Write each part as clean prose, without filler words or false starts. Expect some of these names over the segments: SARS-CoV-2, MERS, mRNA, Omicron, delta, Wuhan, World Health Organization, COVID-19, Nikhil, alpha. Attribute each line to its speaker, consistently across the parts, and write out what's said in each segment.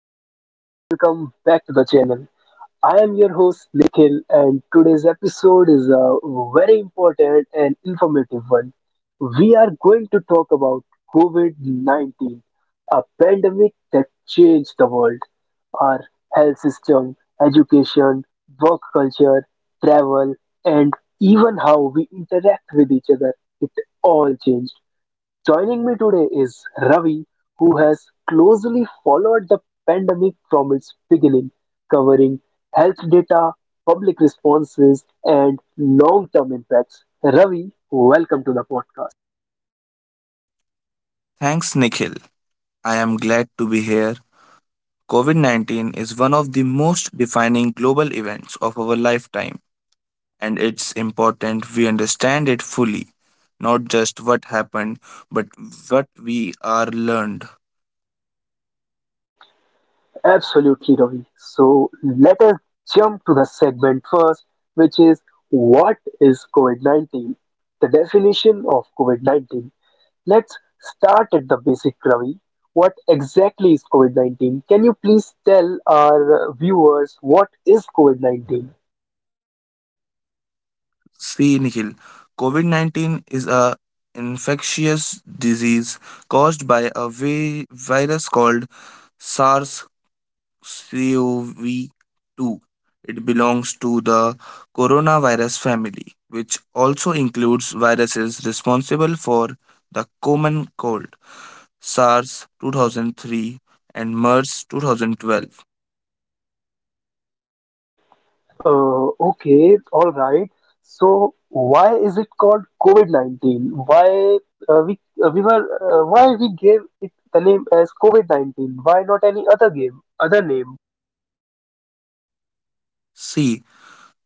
Speaker 1: and welcome back to the channel. I am your host Nikhil and today's episode is a very important and informative one. We are going to talk about COVID-19, a pandemic that changed the world, our health system, education, work culture, travel and even how we interact with each other. It all changed. Joining me today is Ravi, who has closely followed the pandemic from its beginning, covering health data, public responses, and long term impacts. Ravi, welcome to the podcast.
Speaker 2: Thanks, Nikhil. I am glad to be here. COVID 19 is one of the most defining global events of our lifetime, and it's important we understand it fully. Not just what happened, but what we are learned.
Speaker 1: Absolutely, Ravi. So let us jump to the segment first, which is what is COVID 19? The definition of COVID 19. Let's start at the basic, Ravi. What exactly is COVID 19? Can you please tell our viewers what is COVID 19?
Speaker 2: See, Nikhil, COVID 19 is a infectious disease caused by a virus called SARS COV2. It belongs to the coronavirus family, which also includes viruses responsible for the common cold, SARS 2003 and MERS 2012.
Speaker 1: Okay, all right. So why is it called COVID 19? Uh, we uh, we were why we gave it the name as COVID 19? Why not any other game other name?
Speaker 2: C.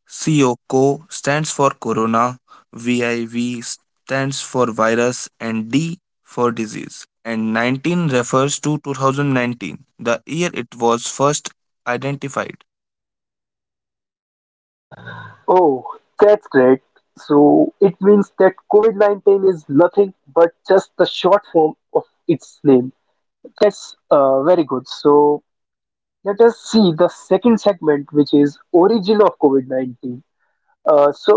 Speaker 2: COCO stands for corona, VIV stands for virus, and D for disease. And 19 refers to 2019, the year it was first identified.
Speaker 1: Oh, that's great. So it means that COVID 19 is nothing but just the short form of its name. Yes, very good. So let us see the second segment, which is origin of COVID-19. So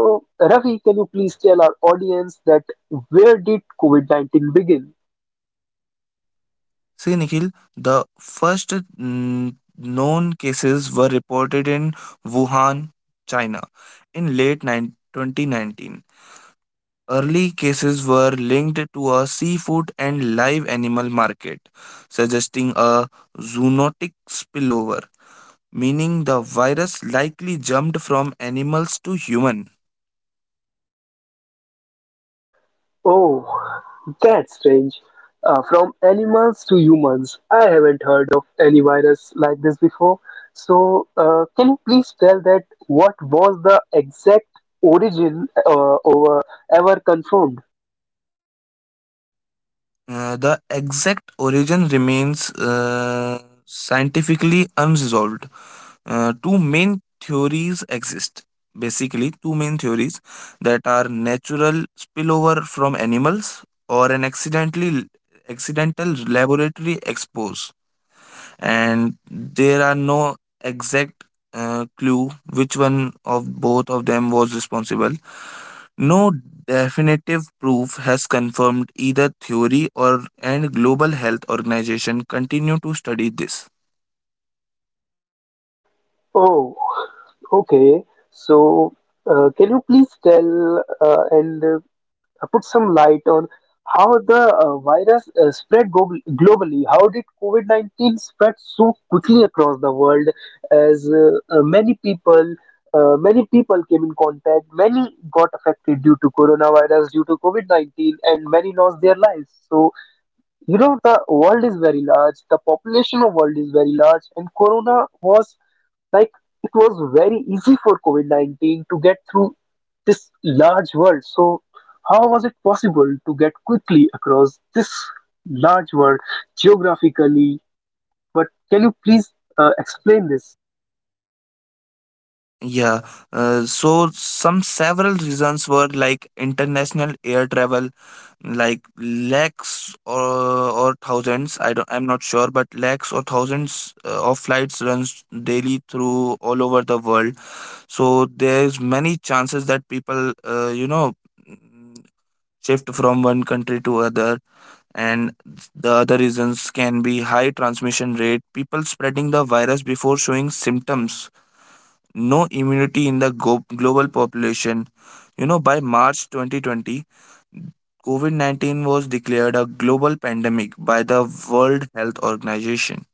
Speaker 1: Ravi, can you please tell our audience that where did COVID-19 begin?
Speaker 2: See, Nikhil, the first known cases were reported in Wuhan, China, in late 9 2019. Early cases were linked to a seafood and live animal market, suggesting a zoonotic spillover, meaning the virus likely jumped from animals to human.
Speaker 1: Oh, that's strange. From animals to humans, I haven't heard of any virus like this before. So can you please tell that what was the exact origin over ever confirmed?
Speaker 2: The exact origin remains scientifically unresolved. Two main theories exist. Basically, two main theories that are natural spillover from animals or an accidental laboratory expose, and there are no exact clue which one of both of them was responsible. No definitive proof has confirmed either theory or and global health organization continue to study this.
Speaker 1: Oh, okay, so can you please tell and put some light on how the virus spread go globally? How did COVID-19 spread so quickly across the world as many people came in contact, many got affected due to coronavirus, due to COVID-19, and many lost their lives. So, you know, the world is very large, the population of world is very large, and corona was like it was very easy for COVID-19 to get through this large world. So how was it possible to get quickly across this large world geographically? But can you please explain this?
Speaker 2: Yeah, so some several reasons were like international air travel, like lakhs or thousands. I'm not sure, but lakhs or thousands of flights runs daily through all over the world. So there's many chances that people, mm, shift from one country to other, and the other reasons can be high transmission rate, people spreading the virus before showing symptoms no immunity in the global population. You know, by March 2020, COVID 19 was declared a global pandemic by the World Health Organization.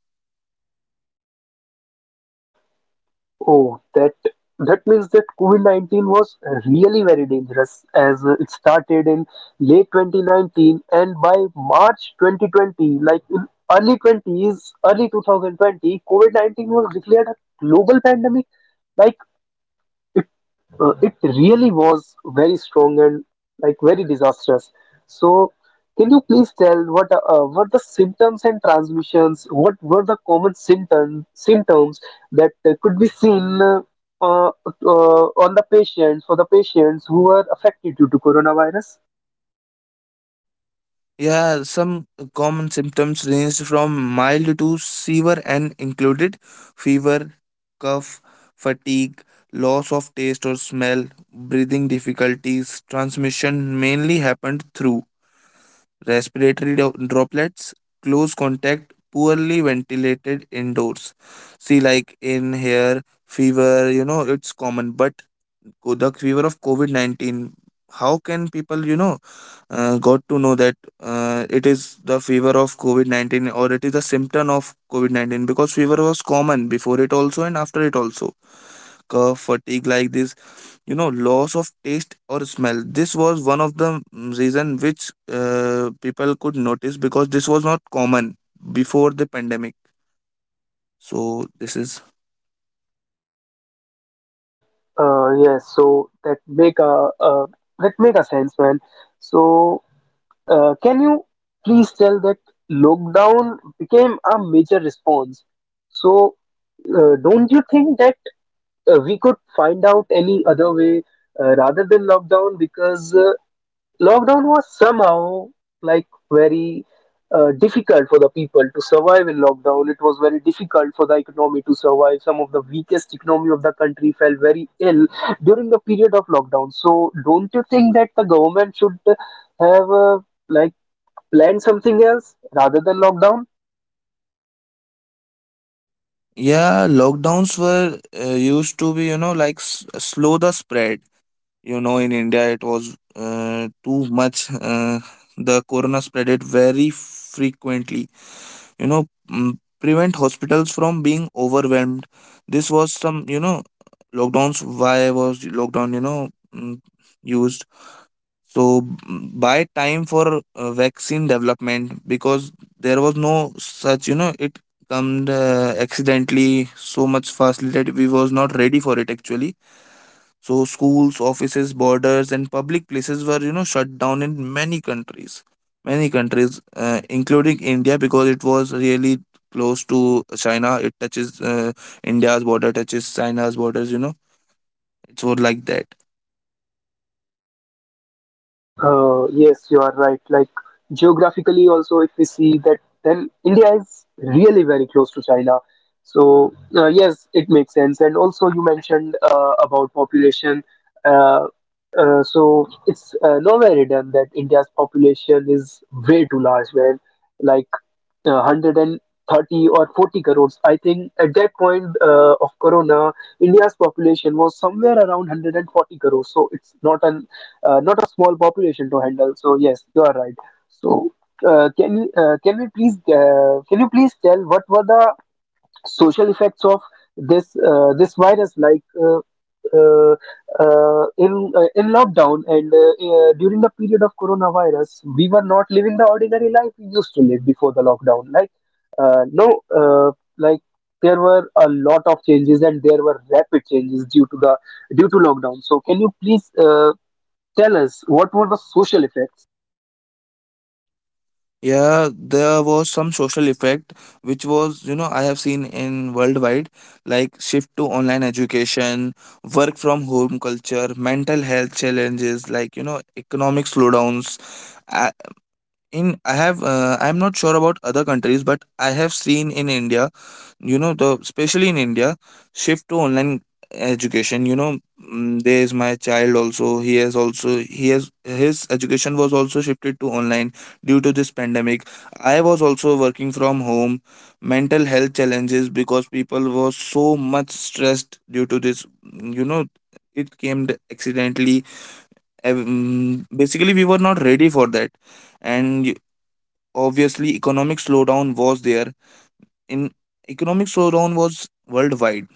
Speaker 1: Oh, that means that COVID-19 was really very dangerous as it started in late 2019 and by March 2020, like in early 20s, early 2020, COVID-19 was declared a global pandemic. Like it really was very strong and like very disastrous. So, can you please tell what the symptoms and transmissions? What were the common symptoms that could be seen on the patients for the patients who were affected due to coronavirus?
Speaker 2: Yeah, some common symptoms ranged from mild to severe and included fever, cough, fatigue, loss of taste or smell, breathing difficulties. Transmission mainly happened through respiratory droplets, close contact, poorly ventilated indoors. See, like in here, fever, it's common, but the fever of COVID 19, how can people, got to know that it is the fever of COVID 19 or it is the symptom of COVID 19 because fever was common before it also and after it also. Cough, fatigue, like this loss of taste or smell, this was one of the reason which people could notice because this was not common before the pandemic, so this is
Speaker 1: Yes, so that make a sense, man. So can you please tell that lockdown became a major response? So, don't you think that we could find out any other way rather than lockdown? Because lockdown was somehow like very difficult for the people to survive in lockdown. It was very difficult for the economy to survive. Some of the weakest economy of the country fell very ill during the period of lockdown. So, don't you think that the government should have like plan something else rather than lockdown.
Speaker 2: yeah. Lockdowns were used to be, you know, like slow the spread, you know. In India it was too much, the corona spread it very frequently, you know, prevent hospitals from being overwhelmed. This was some, you know, lockdowns, why was lockdown, you know, used, so by time for vaccine development because there was no such, you know, it come accidentally so much fastly that we was not ready for it actually. So schools, offices, borders, and public places were, you know, shut down in many countries, including India, because it was really close to China. It touches India's border, touches China's borders. You know, it's more like that.
Speaker 1: Yes, you are right. Like geographically, also, if we see that, then India is really very close to China. So yes, it makes sense. And also, you mentioned about population. Uh, so it's nowhere hidden that India's population is way too large, man. Like 130 or 40 crores. I think at that point of Corona, India's population was somewhere around 140 crores. So it's not an not a small population to handle. So yes, you are right. So can we please can you please tell what were the social effects of this this virus like uh, in lockdown and during the period of coronavirus we were not living the ordinary life we used to live before the lockdown like no uh, like there were a lot of changes and there were rapid changes due to the due to lockdown so can you please tell us what were the social effects.
Speaker 2: Yeah, there was some social effect which was, you know, I have seen in worldwide, like shift to online education, work from home culture, mental health challenges, like, you know, economic slowdowns. In I have I'm not sure about other countries but I have seen in India, you know, the especially in India shift to online education, you know, there is my child also, he has his education was also shifted to online due to this pandemic. I was also working from home. Mental health challenges because people were so much stressed due to this, mm, you know it came accidentally, basically we were not ready for that. And obviously economic slowdown was there, in economic slowdown was worldwide.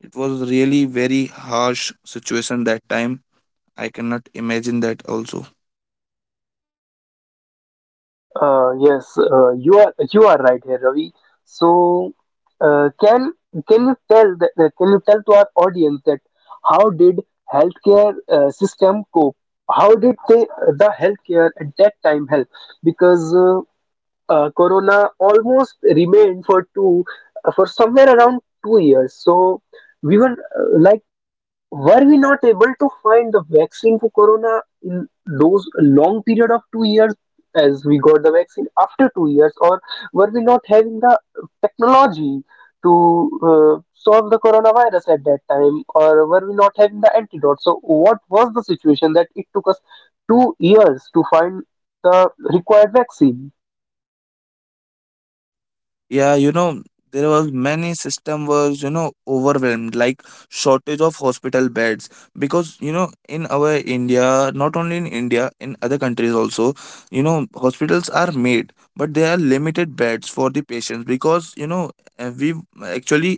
Speaker 2: It was really very harsh situation that time. I cannot imagine that also,
Speaker 1: Yes, you are right here, Ravi. So, uh, can can you tell that, can you tell to our audience that how did healthcare system cope? How did they, the healthcare at that time help? Because Corona almost remained for two for somewhere around 2 years. So we were like were we not able to find the vaccine for corona in those long period of 2 years as we got the vaccine after 2 years, or were we not having the technology to solve the coronavirus at that time, or were we not having the antidote? So, what was the situation that it took us 2 years to find the required vaccine?
Speaker 2: yeah. You know, there was many system was, you know, overwhelmed, like shortage of hospital beds, because, you know, in our India, not only in India, in other countries also, you know, hospitals are made but there are limited beds for the patients because, you know, we actually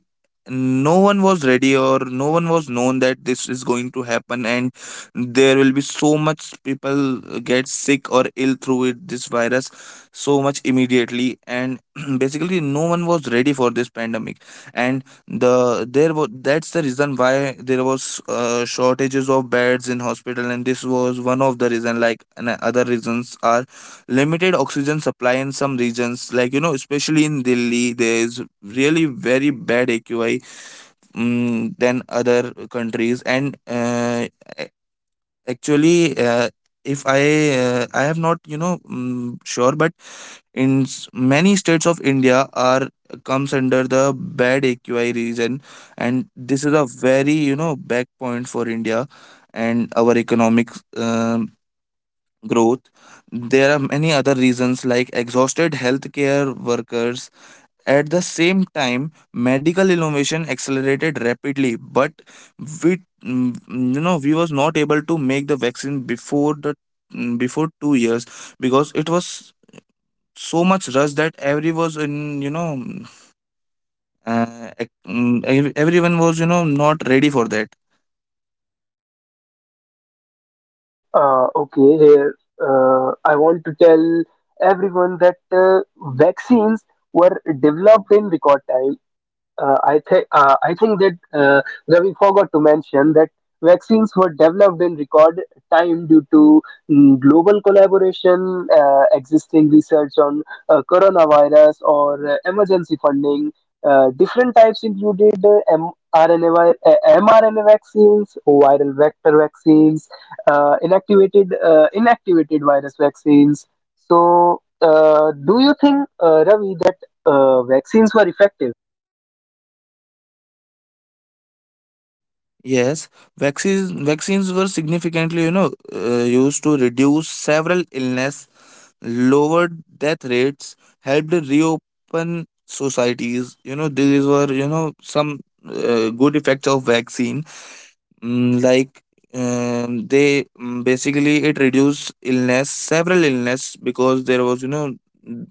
Speaker 2: no one was ready or no one was known that this is going to happen and there will be so much people get sick or ill through it this virus so much immediately and basically no one was ready for this pandemic and the there was that's the reason why there was shortages of beds in hospital. And this was one of the reason, like, and other reasons are limited oxygen supply in some regions, like, you know, especially in Delhi there is really very bad AQI, than other countries. And a- actually, uh, if I, I have not, you know, mm, sure but in many states of India are comes under the bad AQI region. And this is a very, you know, back point for India and our economic, um, growth. There are many other reasons like exhausted healthcare workers. At the same time, medical innovation accelerated rapidly but we, you know, we was not able to make the vaccine before the mm, before 2 years because it was so much rush that every was in everyone was, you know, not ready for that.
Speaker 1: Okay, here I want to tell everyone that vaccines were developed in record time. I think that Ravi forgot to mention that vaccines were developed in record time due to global collaboration, existing research on coronavirus, or emergency funding. Different types included mRNA, mRNA vaccines, viral vector vaccines, inactivated virus vaccines. So, do you think, Ravi, that vaccines were effective?
Speaker 2: Yes, vaccines were significantly, you know, used to reduce several illness, lowered death rates, helped reopen societies, you know. These were, you know, some good effects of vaccine. Mm, like Basically it reduced illness, several illness, because there was, you know, mm,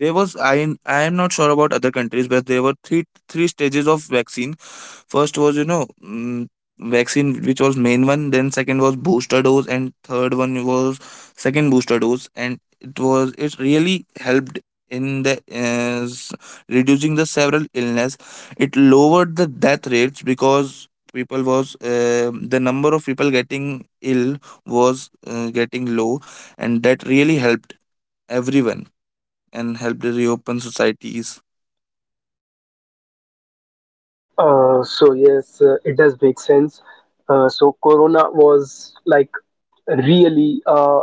Speaker 2: there was, I am not sure about other countries but there were three stages of vaccine. First was, you know, vaccine which was main one, then second was booster dose and third one was second booster dose. And it was, it really helped in the uh, s- reducing the several illness. It lowered the death rates because people was, the number of people getting ill was getting low and that really helped everyone and helped reopen societies.
Speaker 1: So yes, it does make sense. So Corona was like really a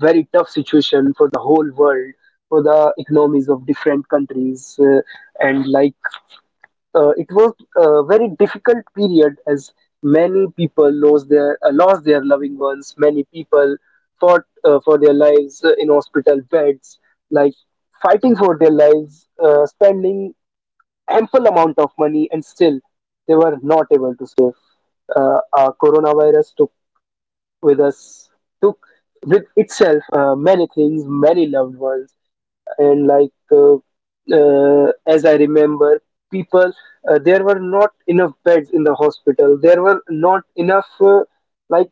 Speaker 1: very tough situation for the whole world, for the economies of different countries, and like it was a very difficult period as many people lost their loving ones. Many people fought for their lives in hospital beds, like fighting for their lives, spending ample amount of money and still they were not able to save. Coronavirus took with us, took with itself many things, many loved ones, and like as I remember, people there were not enough beds in the hospital. There were not enough like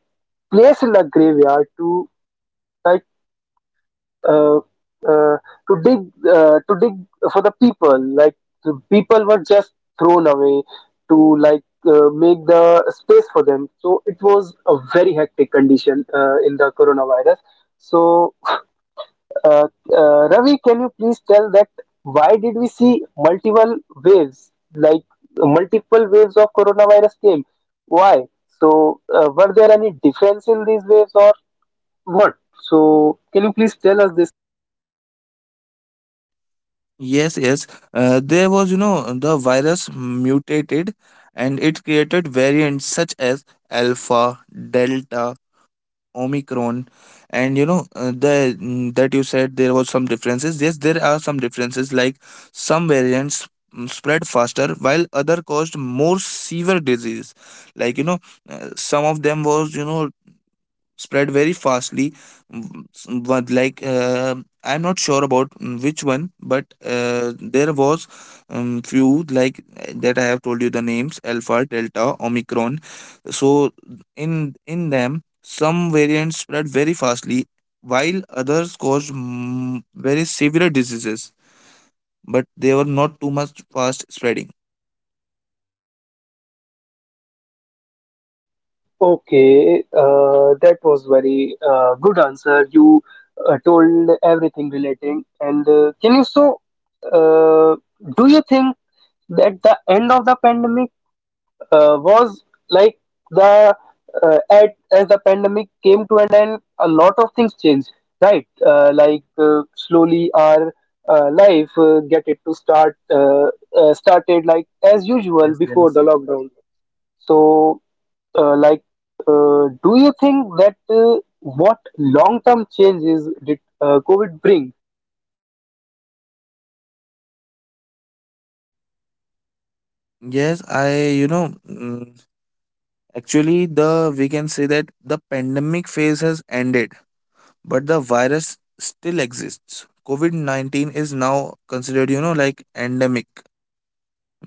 Speaker 1: place in the graveyard to like uh, uh, to dig to dig for the people like the people were just thrown away to like make the space for them so it was a very hectic condition in the coronavirus so uh, Ravi, can you please tell that why did we see multiple waves like multiple waves of coronavirus came why so were there any difference in these waves or what so can you please tell us this.
Speaker 2: Yes, yes, there was, you know, the virus mutated and it created variants such as alpha, delta, Omicron, and, you know, the that you said there was some differences. Yes, there are some differences. Like some variants, spread faster, while other caused more severe disease. Like, you know, some of them was, you know, spread very fastly, w- s- one- like uh, I'm not sure about which one, but there was, few, like, that I have told you the names alpha, delta, Omicron. So in them some variants spread very fastly while others caused, very severe diseases, but they were not too much fast spreading.
Speaker 1: Okay, that was very good answer. You told everything relating, and can you so uh, do you think that the end of the pandemic was like the at as the pandemic came to an end, a lot of things changed, right? Slowly our life get it to start started like as usual
Speaker 2: Yes,
Speaker 1: before
Speaker 2: yes,
Speaker 1: the lockdown so, like, do you think that what long-term changes did COVID bring?
Speaker 2: yes. I you know mm, Actually, the we can say that the pandemic phase has ended, but the virus still exists. COVID 19 is now considered, you know, like endemic.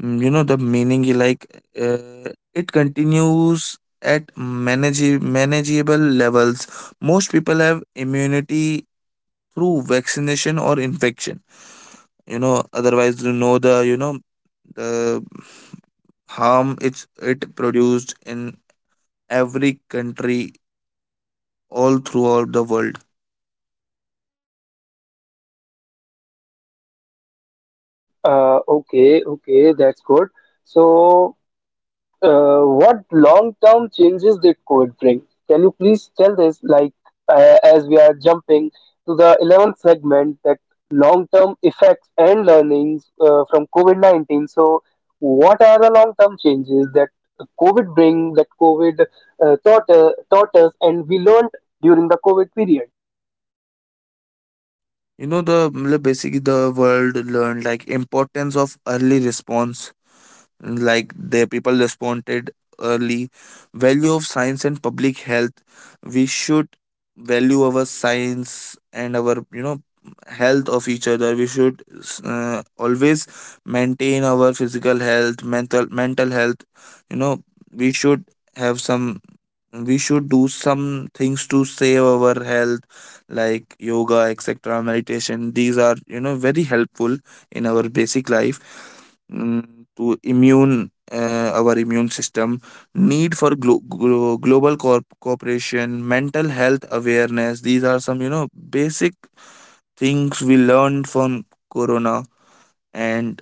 Speaker 2: You know, the meaning is like it continues at manageable levels. Most people have immunity through vaccination or infection. You know, otherwise, you know, the, you know, the harm it's it produced in every country all throughout the world.
Speaker 1: Okay, okay, that's good. So, what long-term changes did COVID bring? Can you please tell this, like, as we are jumping to the 11th segment, that long-term effects and learnings from COVID-19. So, what are the long-term changes that COVID bring, that COVID taught us, and we learned during the COVID period?
Speaker 2: You know, the मतलब, basically, the world learned, like importance of early response, like the people responded early. Value of science and public health, we should value our science and our, you know, health of each other. We should, always maintain our physical health, mental health. You know, we should have some, we should do some things to save our health like yoga, etc., meditation. These are, you know, very helpful in our basic life, to immune, our immune system. Need for global cooperation, mental health awareness. These are some, you know, basic things we learned from corona. And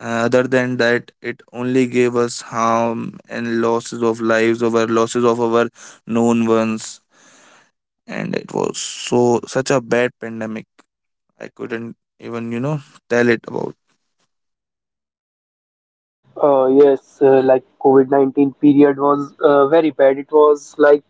Speaker 2: other than that, it only gave us harm and losses of lives, over losses of our known ones. And it was so such a bad pandemic, I couldn't even, you know, tell it about.
Speaker 1: Yes, like COVID-19 period was very bad. It was like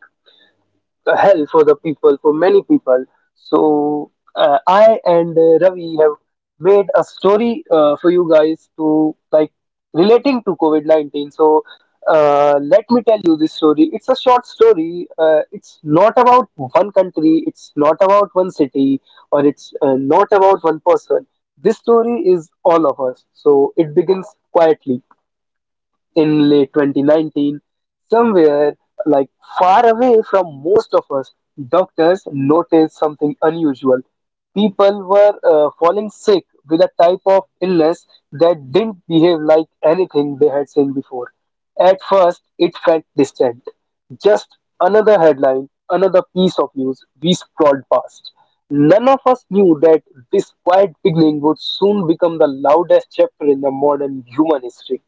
Speaker 1: a hell for the people, for many people. So I and Ravi have made a story for you guys to like relating to COVID 19. So let me tell you this story. It's a short story. It's not about one country. It's not about one city, or it's not about one person. This story is all of us. So it begins quietly in late 2019, somewhere like far away from most of us, doctors noticed something unusual. People were falling sick with a type of illness that didn't behave like anything they had seen before. At first, it felt distant. Just another headline, another piece of news we scrolled past. None of us knew that this quiet beginning would soon become the loudest chapter in the modern human history.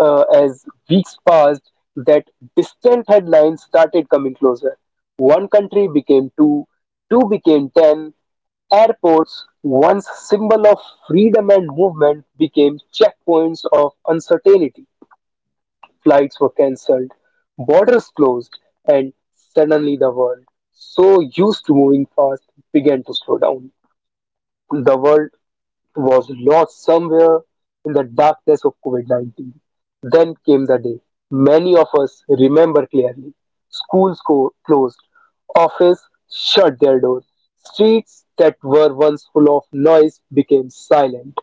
Speaker 1: As weeks passed, that distant headlines started coming closer. One country became two, two became ten. Airports, once symbol of freedom and movement, became checkpoints of uncertainty. Flights were cancelled, borders closed, and suddenly the world, so used to moving fast, began to slow down. The world was lost somewhere in the darkness of COVID 19. Then came the day many of us remember clearly. Schools closed, offices shut their doors, streets that were once full of noise became silent.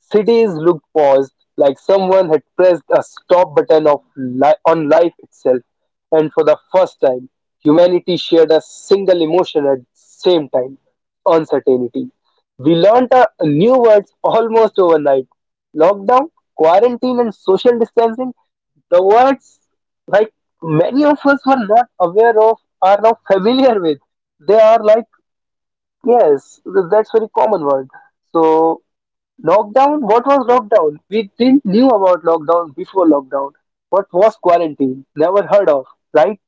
Speaker 1: Cities looked paused, like someone had pressed a stop button on life itself, and for the first time, humanity shared a single emotion at the same time, uncertainty. We learnt a new words almost overnight. Lockdown, quarantine, and social distancing, the words like many of us were not aware of are now familiar with. They are like, yes, that's very common word. So, lockdown, what was lockdown? We didn't knew about lockdown before lockdown. What was quarantine? Never heard of, right?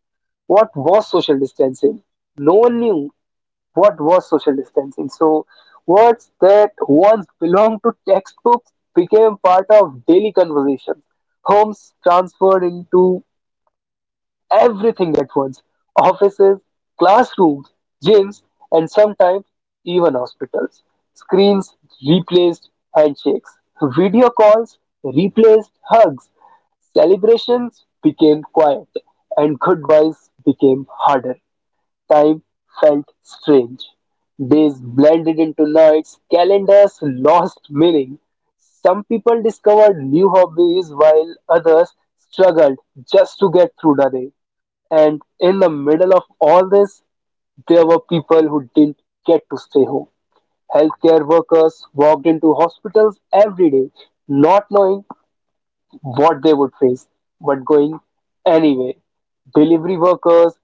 Speaker 1: What was social distancing? No one knew what was social distancing. So, words that once belonged to textbooks became part of daily conversations. Homes transferred into everything at once, offices, classrooms, gyms, and sometimes even hospitals. Screens replaced handshakes, video calls replaced hugs, celebrations became quiet, and goodbyes became harder. Time felt strange. Days blended into nights, calendars lost meaning. Some people discovered new hobbies while others struggled just to get through the day. And in the middle of all this, there were people who didn't get to stay home. Healthcare workers walked into hospitals every day, not knowing what they would face, but going anyway. Delivery workers,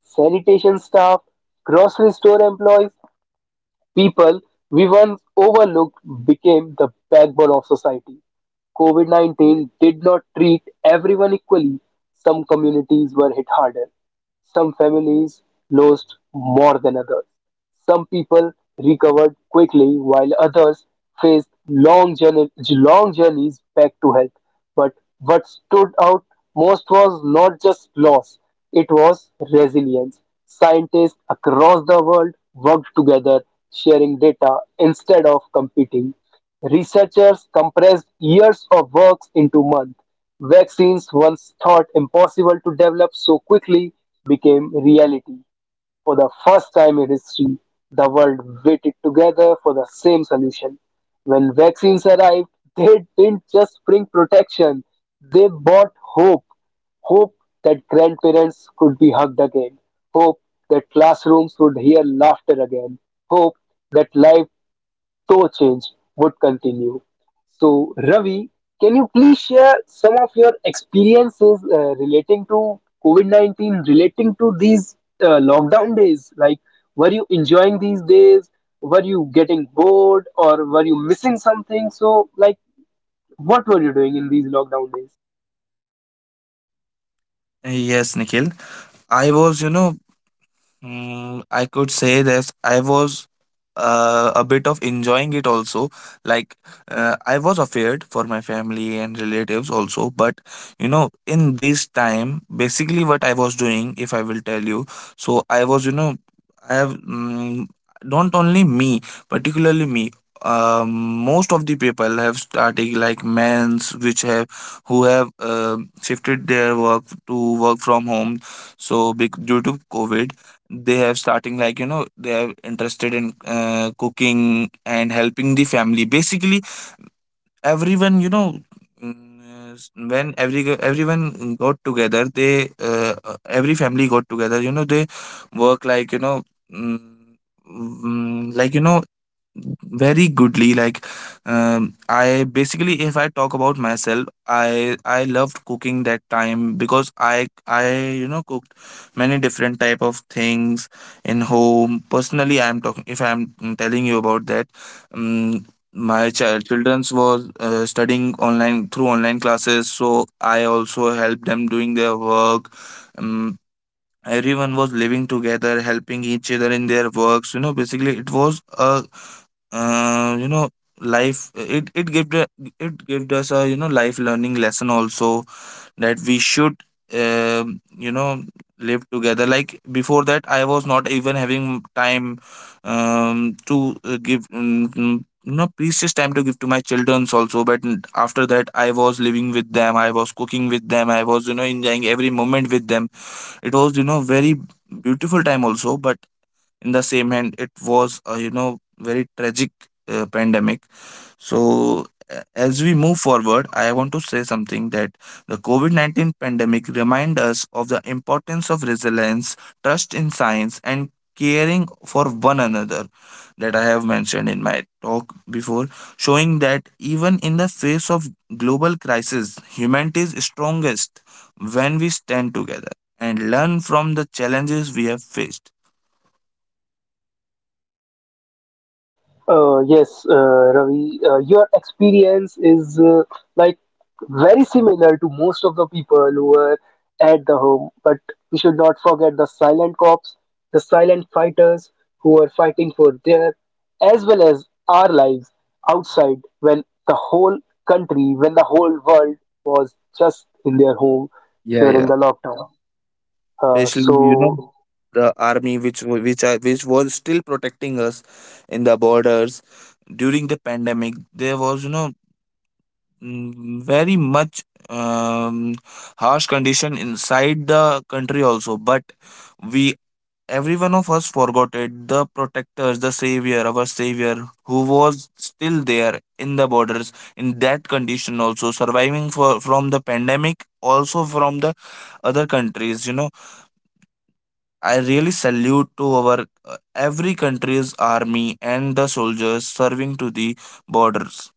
Speaker 1: sanitation staff, grocery store employees, people we once overlooked became the backbone of society. COVID 19 did not treat everyone equally. Some communities were hit harder. Some families lost more than others. Some people recovered quickly, while others faced long journeys back to health. But what stood out most was not just loss, it was resilience. Scientists across the world worked together, sharing data instead of competing. Researchers compressed years of works into months. Vaccines, once thought impossible to develop so quickly, became reality. For the first time in history, the world waited together for the same solution. When vaccines arrived, they didn't just bring protection, they brought hope. Hope that grandparents could be hugged again. Hope that classrooms would hear laughter again. Hope that life co-change would continue. So, Ravi, can you please share some of your experiences relating to COVID 19, relating to these lockdown days? Like, were you enjoying these days? Were you getting bored or were you missing something? So, like, what were you doing in these lockdown days?
Speaker 2: Yes, Nikhil, I was, you know, I could say that I was, a bit of enjoying it also. Like, I was afraid for my family and relatives also. But, you know, in this time, basically what I was doing, if I will tell you, so I was, you know, I have, not only me, particularly me. Um, Most of the people have started like men's which have who have shifted their work to work from home. So due to COVID, they have starting like, you know, they are interested in cooking and helping the family. Basically everyone, you know, when everyone got together, they, every family got together, you know, they work like, you know, mm, like, you know, very goodly, like, I basically, if I talk about myself, I loved cooking that time because I you know cooked many different type of things in home. Personally, I'm talking, if I'm, telling you about that, um, my children's was studying online through online classes, so I also helped them doing their work. um, Everyone was living together helping each other in their works. You know, basically it was a, you know, life. It gave the, it gave us a, you know, life learning lesson also that we should, you know, live together. Like before that I was not even having time, to, give, you know, precious time to give to my childrens also. But after that I was living with them, I was cooking with them, I was, you know, enjoying every moment with them. It was, you know, very beautiful time also but in the same hand it was, you know, very tragic, pandemic. So as we move forward, I want to say something that the covid-19 pandemic remind us of the importance of resilience, trust in science and caring for one another, that I have mentioned in my talk before, showing that even in the face of global crisis humanity is strongest when we stand together and learn from the challenges we have faced.
Speaker 1: Yes, Ravi, your experience is like very similar to most of the people who were at the home, but we should not forget the silent cops, the silent fighters who are fighting for their as well as our lives outside when the whole country, when the whole world was just in their home
Speaker 2: Yeah,
Speaker 1: during
Speaker 2: yeah,
Speaker 1: the lockdown. Uh,
Speaker 2: especially, you know,
Speaker 1: so
Speaker 2: the army which, which was still protecting us in the borders during the pandemic. There was, you know, very much, harsh condition inside the country also, but we every one of us forgot it, the protectors, the savior, our savior who was still there in the borders in that condition also surviving for, from the pandemic also, from the other countries. You know, I really salute to our, every country's army and the soldiers serving to the borders.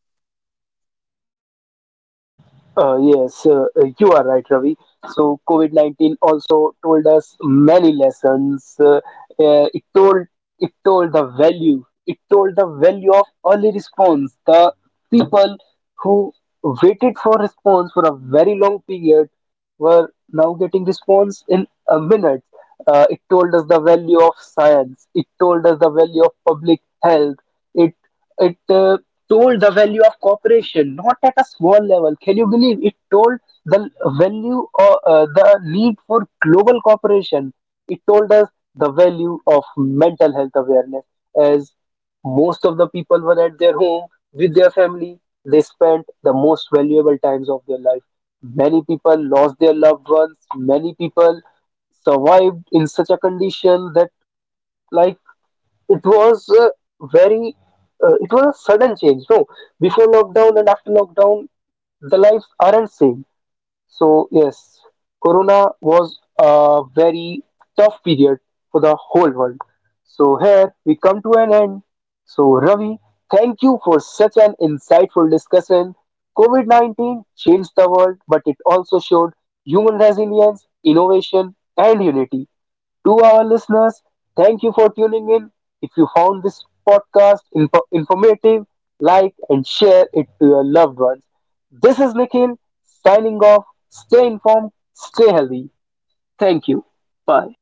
Speaker 1: Yes, you are right, Ravi. So COVID 19 also told us many lessons. It told the value. It told the value of early response. The people who waited for response for a very long period were now getting response in a minute. It told us the value of science. It told us the value of public health. It told the value of cooperation, not at a small level. Can you believe it told the value or the need for global cooperation? It told us the value of mental health awareness as most of the people were at their home with their family. They spent the most valuable times of their life. Many people lost their loved ones. Many people survived in such a condition that, like, it was very, it was a sudden change. No, before lockdown and after lockdown, the lives aren't same. So, yes, corona was a very tough period for the whole world. So here we come to an end. So, Ravi, thank you for such an insightful discussion. COVID-19 changed the world, but it also showed human resilience, innovation, and unity. To our listeners, thank you for tuning in. If you found this podcast informative, like and share it to your loved ones. This is Nikhil signing off. Stay informed, stay healthy. Thank you. Bye.